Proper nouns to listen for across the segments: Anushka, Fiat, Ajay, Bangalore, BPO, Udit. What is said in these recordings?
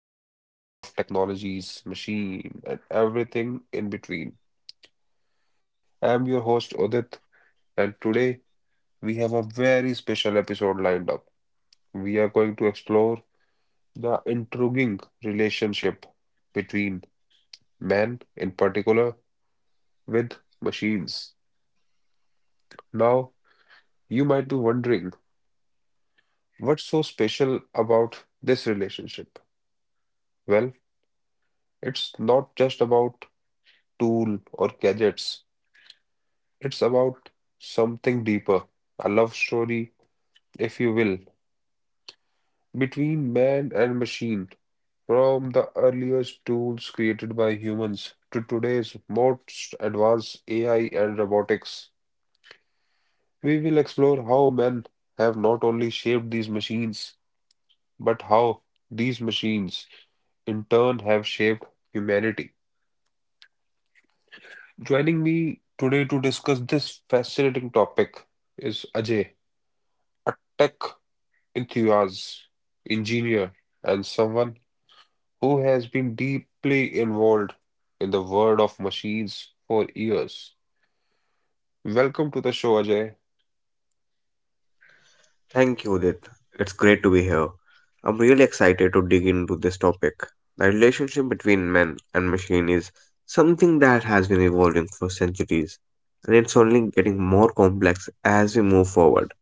fascinating world of technologies, machine, and everything in between. I'm your host, Udit, and today we have a very special episode lined up. We are going to explore the intriguing relationship between man, in particular, with machines. Now, you might be wondering, what's so special about this relationship? Well, it's not just about tool or gadgets. It's about something deeper, a love story, if you will, between man and machine. From the earliest tools created by humans to today's most advanced AI and robotics, we will explore how men have not only shaped these machines, but how these machines in turn have shaped humanity. Joining me today to discuss this fascinating topic is Ajay, a tech enthusiast, engineer, and someone who has been deeply involved in the world of machines for years. Welcome to the show, Ajay. Thank you, Udit. It's great to be here. I'm really excited to dig into this topic. The relationship between man and machine is something that has been evolving for centuries, and it's only getting more complex as we move forward.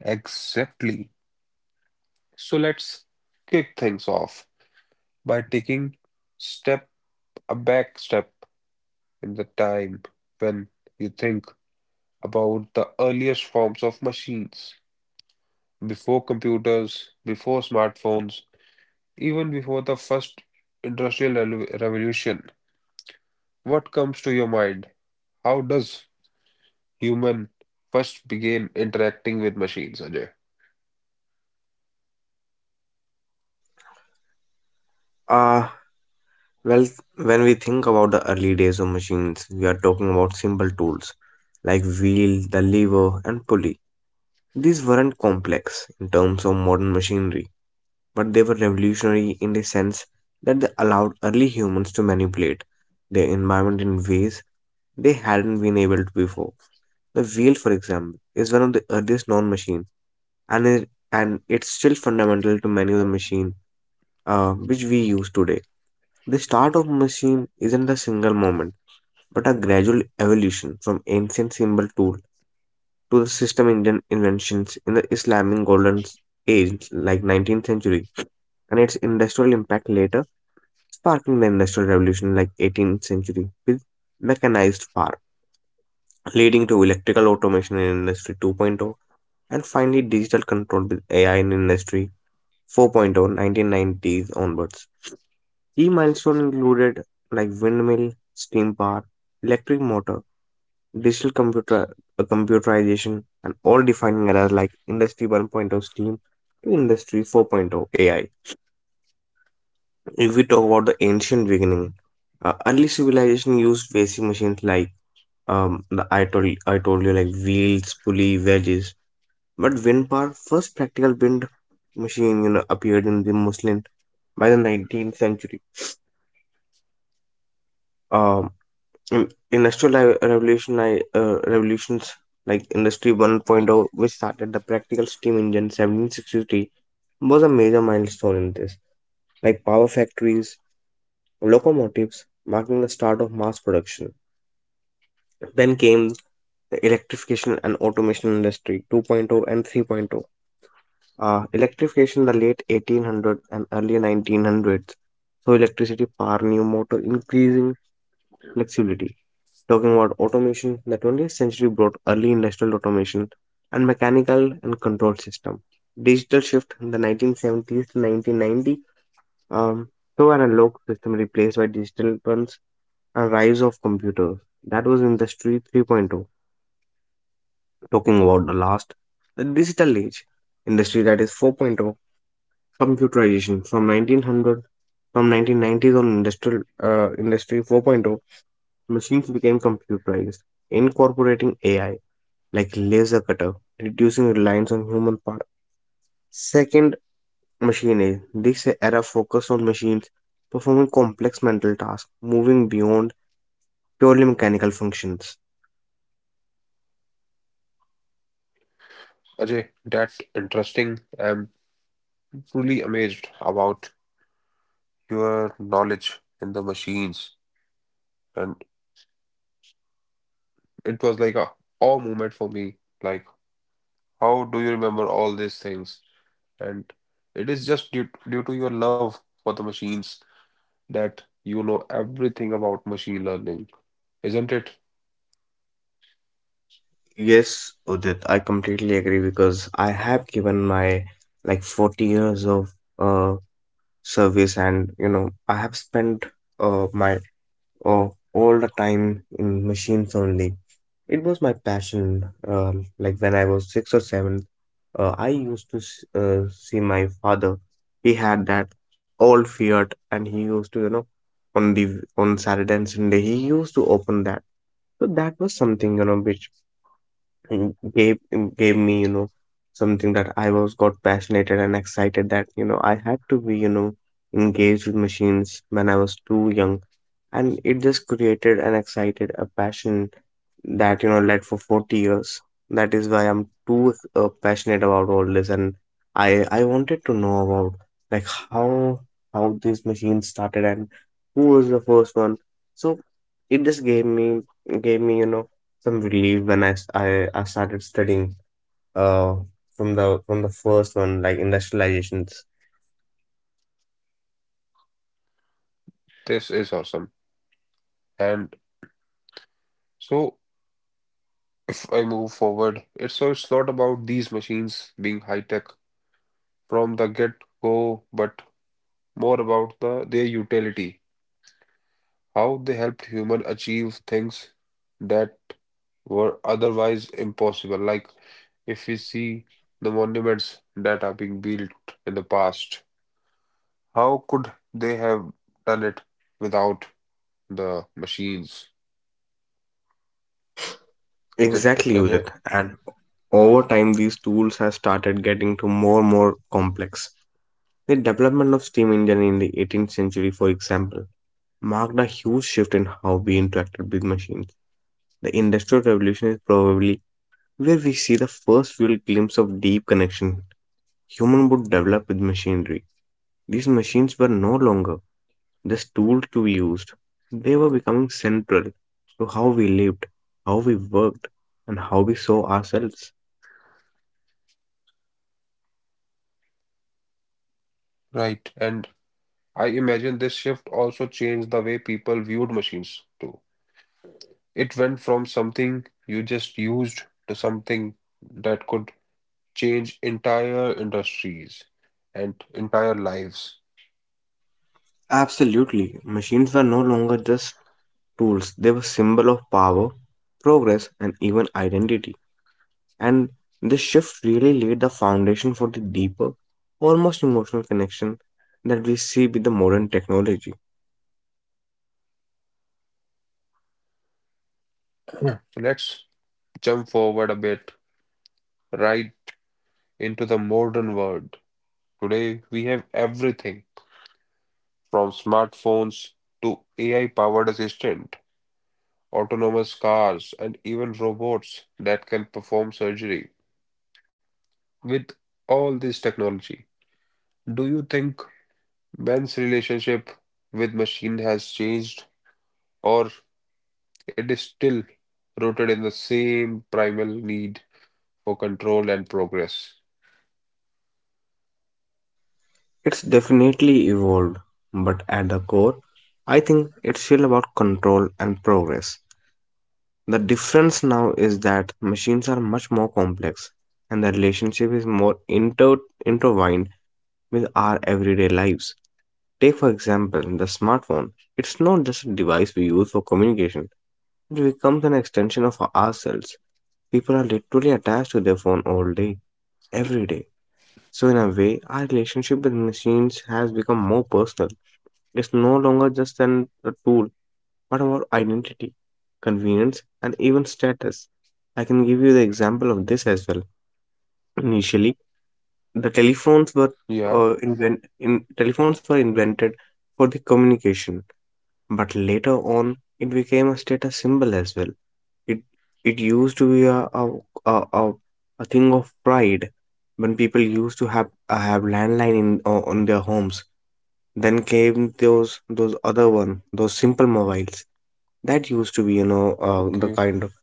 Exactly. So let's kick things off by taking step a back step in the time when you think about the earliest forms of machines, before computers, before smartphones, even before the first revolution. What comes to your mind? How does human first begin interacting with machines, Ajay? Ah, well, when we think about the early days of machines, we are talking about simple tools like wheel, the lever, and pulley. These weren't complex in terms of modern machinery, but they were revolutionary in the sense that they allowed early humans to manipulate their environment in ways they hadn't been able to before. The wheel, for example, is one of the earliest known machines, and it's still fundamental to many of the machines which we use today. The start of a machine isn't a single moment, but a gradual evolution from ancient symbol tool to the system engine inventions in the Islamic golden age like 19th century, and its industrial impact later sparking the Industrial Revolution like 18th century with mechanized farm, leading to electrical automation in Industry 2.0, and finally digital control with AI in Industry 4.0, 1990s onwards. Key milestones included like windmill, steam power, electric motor, digital computer, computerization, and all defining eras like Industry 1.0 steam to Industry 4.0 AI. If we talk about the ancient beginning, early civilization used basic machines like the I told you, like wheels, pulley, wedges. But wind power, first practical wind machine, appeared in the Muslim by the 19th century. Um, in industrial revolutions like Industry 1.0, which started the practical steam engine 1763, was a major milestone in this. Like power factories, locomotives, marking the start of mass production. Then came the electrification and automation industry 2.0 point oh and 3.0 point oh. Electrification the late 1800s and early 1900s. So electricity power new motor increasing flexibility. Talking about automation, the 20th century brought early industrial automation and mechanical and control system. Digital shift in the 1970s to 1990. Um, so an analog system replaced by digital ones and rise of computers. That was industry 3.0 point oh. Talking about the last, the digital age, industry that is 4.0, computerization from 1990s on industrial industry 4.0, machines became computerized, incorporating AI like laser cutter, reducing reliance on human part. Second, machine age. This era focused on machines performing complex mental tasks, moving beyond purely mechanical functions. Ajay, that's interesting. I'm truly amazed about your knowledge in the machines. And it was like a awe moment for me. Like, how do you remember all these things? And it is just due to your love for the machines that you know everything about machine learning, isn't it? Yes, Udit, I completely agree because I have given my like 40 years of uh service, and I have spent my all the time in machines only. It was my passion. Like when I was 6 or 7, I used to see my father. He had that old Fiat, and he used to, on the on Saturday and Sunday he used to open that. So that was something, you know which and gave mm, gave me, something that I was got passionate and excited, that I had to be, engaged with machines when I was too young, and it just created and excited a passion that, led for 40 years. That is why I'm too passionate about all this, and I wanted to know about, like, how these machines started and who was the first one. So it just gave me, some relief when I started studying uh from the first one like industrializations. This is awesome. And so, if I move forward, it's so it's not about these machines being high tech from the get-go, but more about the their utility, how they helped human achieve things that were otherwise impossible. Like if we see the monuments that are being built in the past, how could they have done it without the machines? Raj- Exactly, Rajay, Udit. And over time, these tools have started getting to more and more complex. The development of steam engine in the 18th century, for example, marked a huge shift in how we interacted with machines. The Industrial Revolution is probably where we see the first real glimpse of deep connection human would develop with machinery. These machines were no longer this tool to be used. They were becoming central to how we lived, how we worked, and how we saw ourselves. right. And I imagine this shift also changed the way people viewed machines too. It went from something you just used to something that could change entire industries and entire lives. Absolutely, machines were no longer just tools, they were symbol of power, progress, and even identity. And this shift really laid the foundation for the deeper, almost emotional connection that we see with the modern technology. Yeah. So let's jump forward a bit, right into the modern world. Today we have everything from smartphones to AI-powered assistant, autonomous cars, and even robots that can perform surgery. With all this technology, do you think man's relationship with machine has changed, or it is still rooted in the same primal need for control and progress? It's definitely evolved, but at the core, I think it's still about control and progress. The difference now is that machines are much more complex, and the relationship is more intertwined with our everyday lives. Take, for example, the smartphone. It's not just a device we use for communication, it becomes an extension of ourselves. People are literally attached to their phone all day, every day. So, in a way, our relationship with machines has become more personal. It's no longer just a tool but our identity, convenience, and even status. I can give you the example of this as well. Initially, the telephones were Yeah, invent in telephones were invented for the communication, but later on it became a status symbol as well. It it used to be a, a, a thing of pride when people used to have landline in, on their homes. Then came those other one, those simple mobiles that used to be, the okay,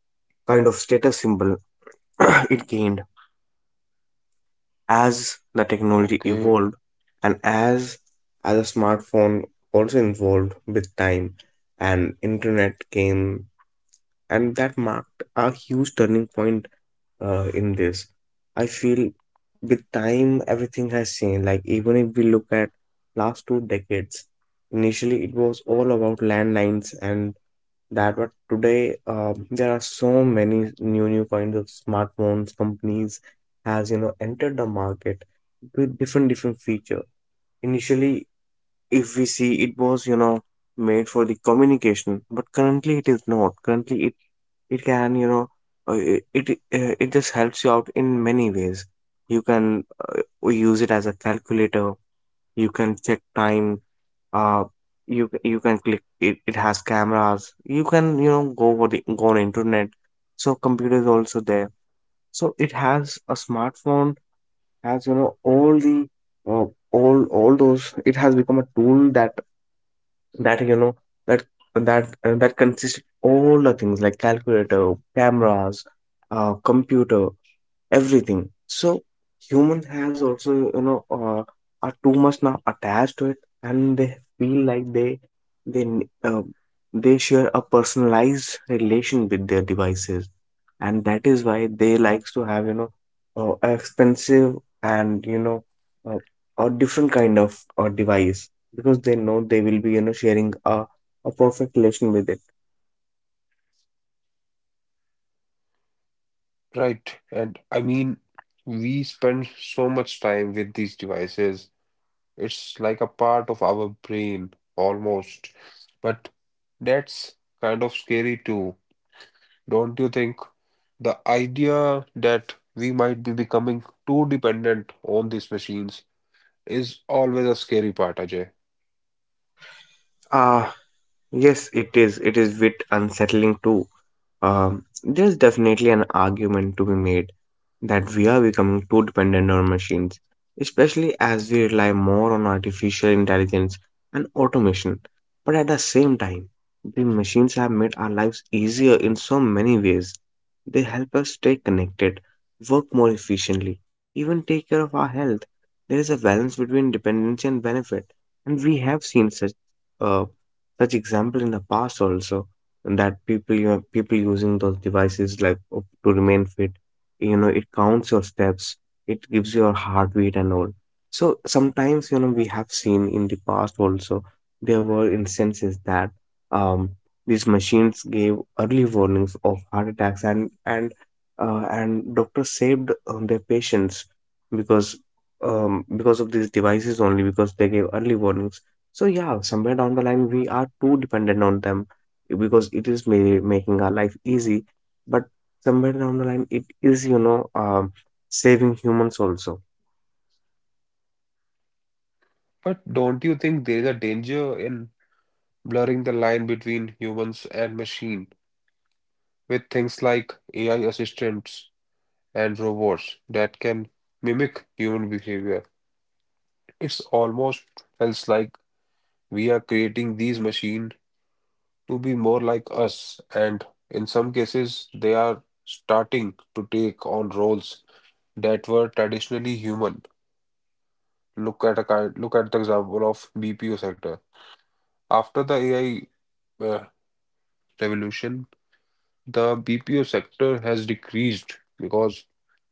kind of status symbol it gained as the technology okay, evolved, and as a smartphone also evolved with time, and internet came, and that marked a huge turning point in this, I feel. With time everything has changed, like even if we look at last 2 decades, initially it was all about landlines and that, but today, there are so many new kinds of smartphones companies has, entered the market with different feature. Initially, if we see, it was, made for the communication, but currently it is not currently it can, uh, it it, it just helps you out in many ways. You can, use it as a calculator, you can check time, uh you can click it, it has cameras, you can, go for the go on internet, so computer is also there. So it has a smartphone has, you know all the uh, all those. It has become a tool that, that you know that that consists of all the things like calculator, cameras, computer, everything. So human has also, are too much now attached to it, and they feel like they n- uh, they share a personalized relation with their devices, and that is why they likes to have, expensive and, uh, a different kind of, device, because they know they will be, sharing a perfect relation with it. right. And I mean, we spend so much time with these devices. It's like a part of our brain almost, but that's kind of scary too. Don't you think the idea that we might be becoming too dependent on these machines is always a scary part, Ajay? Ah, Yes, it is. It is bit unsettling too. There's definitely an argument to be made that we are becoming too dependent on machines, especially as we rely more on artificial intelligence and automation. But at the same time, the machines have made our lives easier in so many ways. They help us stay connected, work more efficiently, even take care of our health. There is a balance between dependency and benefit, and we have seen such. Uh, such example in the past also, that people, people using those devices like, to remain fit, it counts your steps, it gives your heartbeat and all. So sometimes, we have seen in the past also there were instances that, um these machines gave early warnings of heart attacks, and and doctors saved their patients because, because of these devices only, because they gave early warnings. So yeah, somewhere down the line we are too dependent on them, because it is making our life easy, but somewhere down the line it is, saving humans also. But don't you think there is a danger in blurring the line between humans and machine with things like AI assistants and robots that can mimic human behavior? It's almost feels like we are creating these machines to be more like us, and in some cases, they are starting to take on roles that were traditionally human. Look at a kind, look at the example of BPO sector. After the AI uh, revolution, the BPO sector has decreased because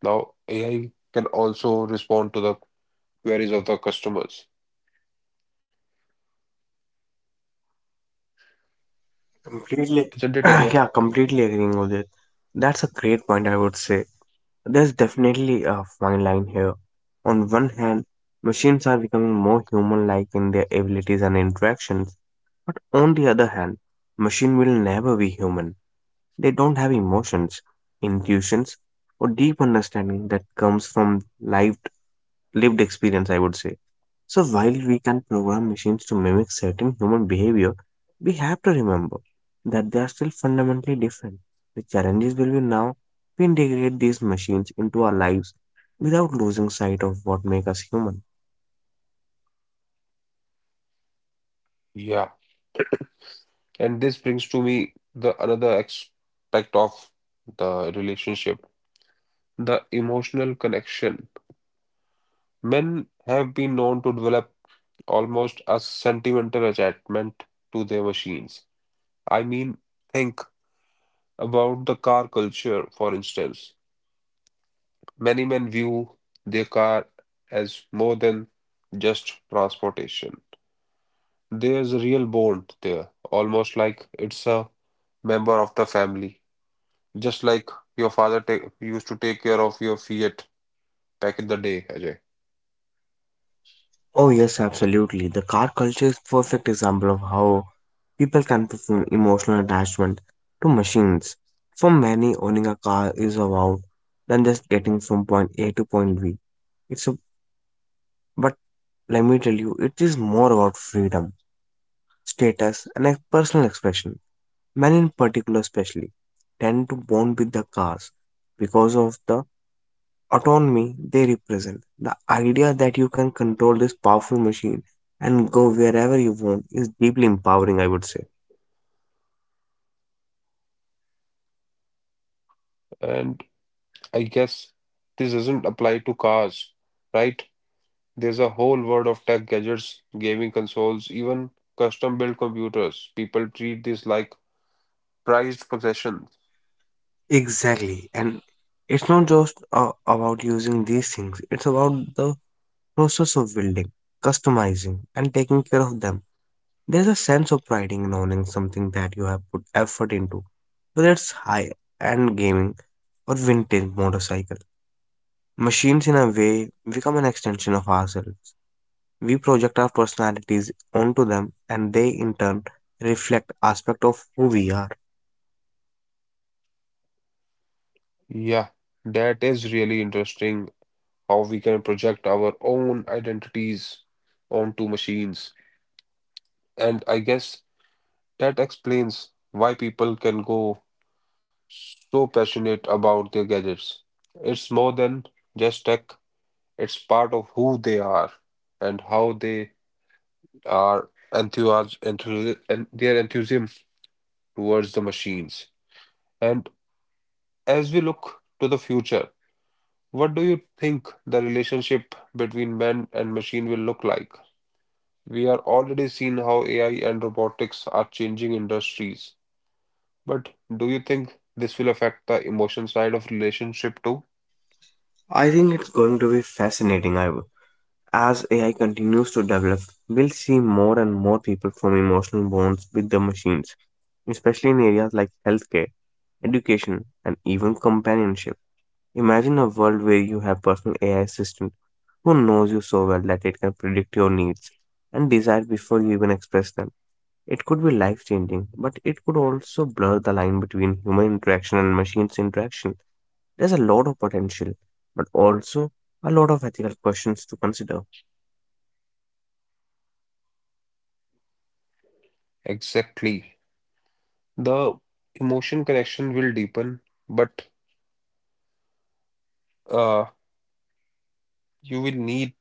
now AI can also respond to the queries of the customers. Completely, Isn't it, Ajay? yeah, completely agreeing with it. That's a great point. I would say there's definitely a fine line here. On one hand, machines are becoming more human-like in their abilities and interactions, but on the other hand, machine will never be human. They don't have emotions, intuitions, or deep understanding that comes from lived experience, I would say. So, while we can program machines to mimic certain human behavior, we have to remember that they are still fundamentally different. The challenges will be now we integrate these machines into our lives without losing sight of what makes us human. Yeah. And this brings to me the another aspect of the relationship, the emotional connection. Men have been known to develop almost a sentimental attachment to their machines. I mean, think about the car culture, for instance. Many men view their car as more than just transportation. There's a real bond there, almost like it's a member of the family. Just like your father ta used to take care of your Fiat back in the day, Ajay. Oh, yes, absolutely. The car culture is perfect example of how people can perform emotional attachment to machines. For many, owning a car is about than just getting from point A to point B. It's a, but Let me tell you, it is more about freedom, status, and a personal expression. Men in particular, especially, tend to bond with the cars because of the autonomy they represent. The idea that you can control this powerful machine and go wherever you want is deeply empowering, I would say. And I guess this doesn't apply to cars, right? There's a whole world of tech gadgets, gaming consoles, even custom-built computers. People treat this like prized possessions. Exactly. And it's not just, about using these things, it's about the process of building, customizing, and taking care of them. There's a sense of pride in owning something that you have put effort into, whether it's high end gaming or vintage motorcycle. Machines, in a way, become an extension of ourselves. We project our personalities onto them and they in turn reflect aspect of who we are. Yeah, that is really interesting how we can project our own identities onto machines. And I guess that explains why people can go so passionate about their gadgets. It's more than just tech. It's part of who they are and how they are enthusiasm enthusi- and their enthusiasm towards the machines. And as we look to the future, what do you think the relationship between man and machine will look like? We are already seeing how AI and robotics are changing industries. But do you think this will affect the emotion side of relationship too? I think it's going to be fascinating, as AI continues to develop, we'll see more and more people form emotional bonds with the machines, especially in areas like healthcare, education, and even companionship. Imagine a world where you have personal AI assistant who knows you so well that it can predict your needs and desires before you even express them. It could be life changing, but it could also blur the line between human interaction and machines interaction. There's a lot of potential, but also a lot of ethical questions to consider. Exactly. The emotion connection will deepen, but uh, you will need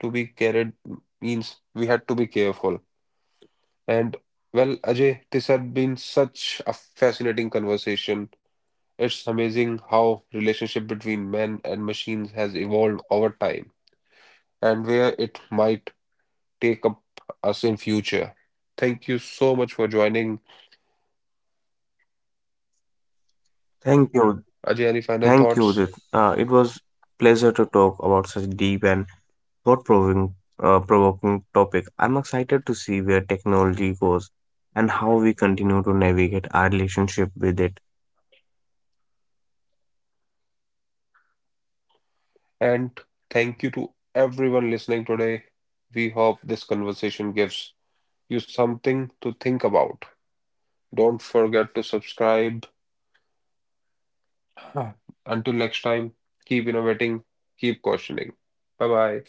to be carried, means we had to be careful. And well, Ajay, this had been such a fascinating conversation. It's amazing how relationship between men and machines has evolved over time and where it might take up us in future. Thank you so much for joining. Thank you. Ajay, any final Thank you, thoughts? Udit. It was pleasure to talk about such deep and thought-provoking provoking topic. I'm excited to see where technology goes and how we continue to navigate our relationship with it. And thank you to everyone listening today. We hope this conversation gives you something to think about. Don't forget to subscribe. Until next time, keep innovating, keep questioning. Bye bye.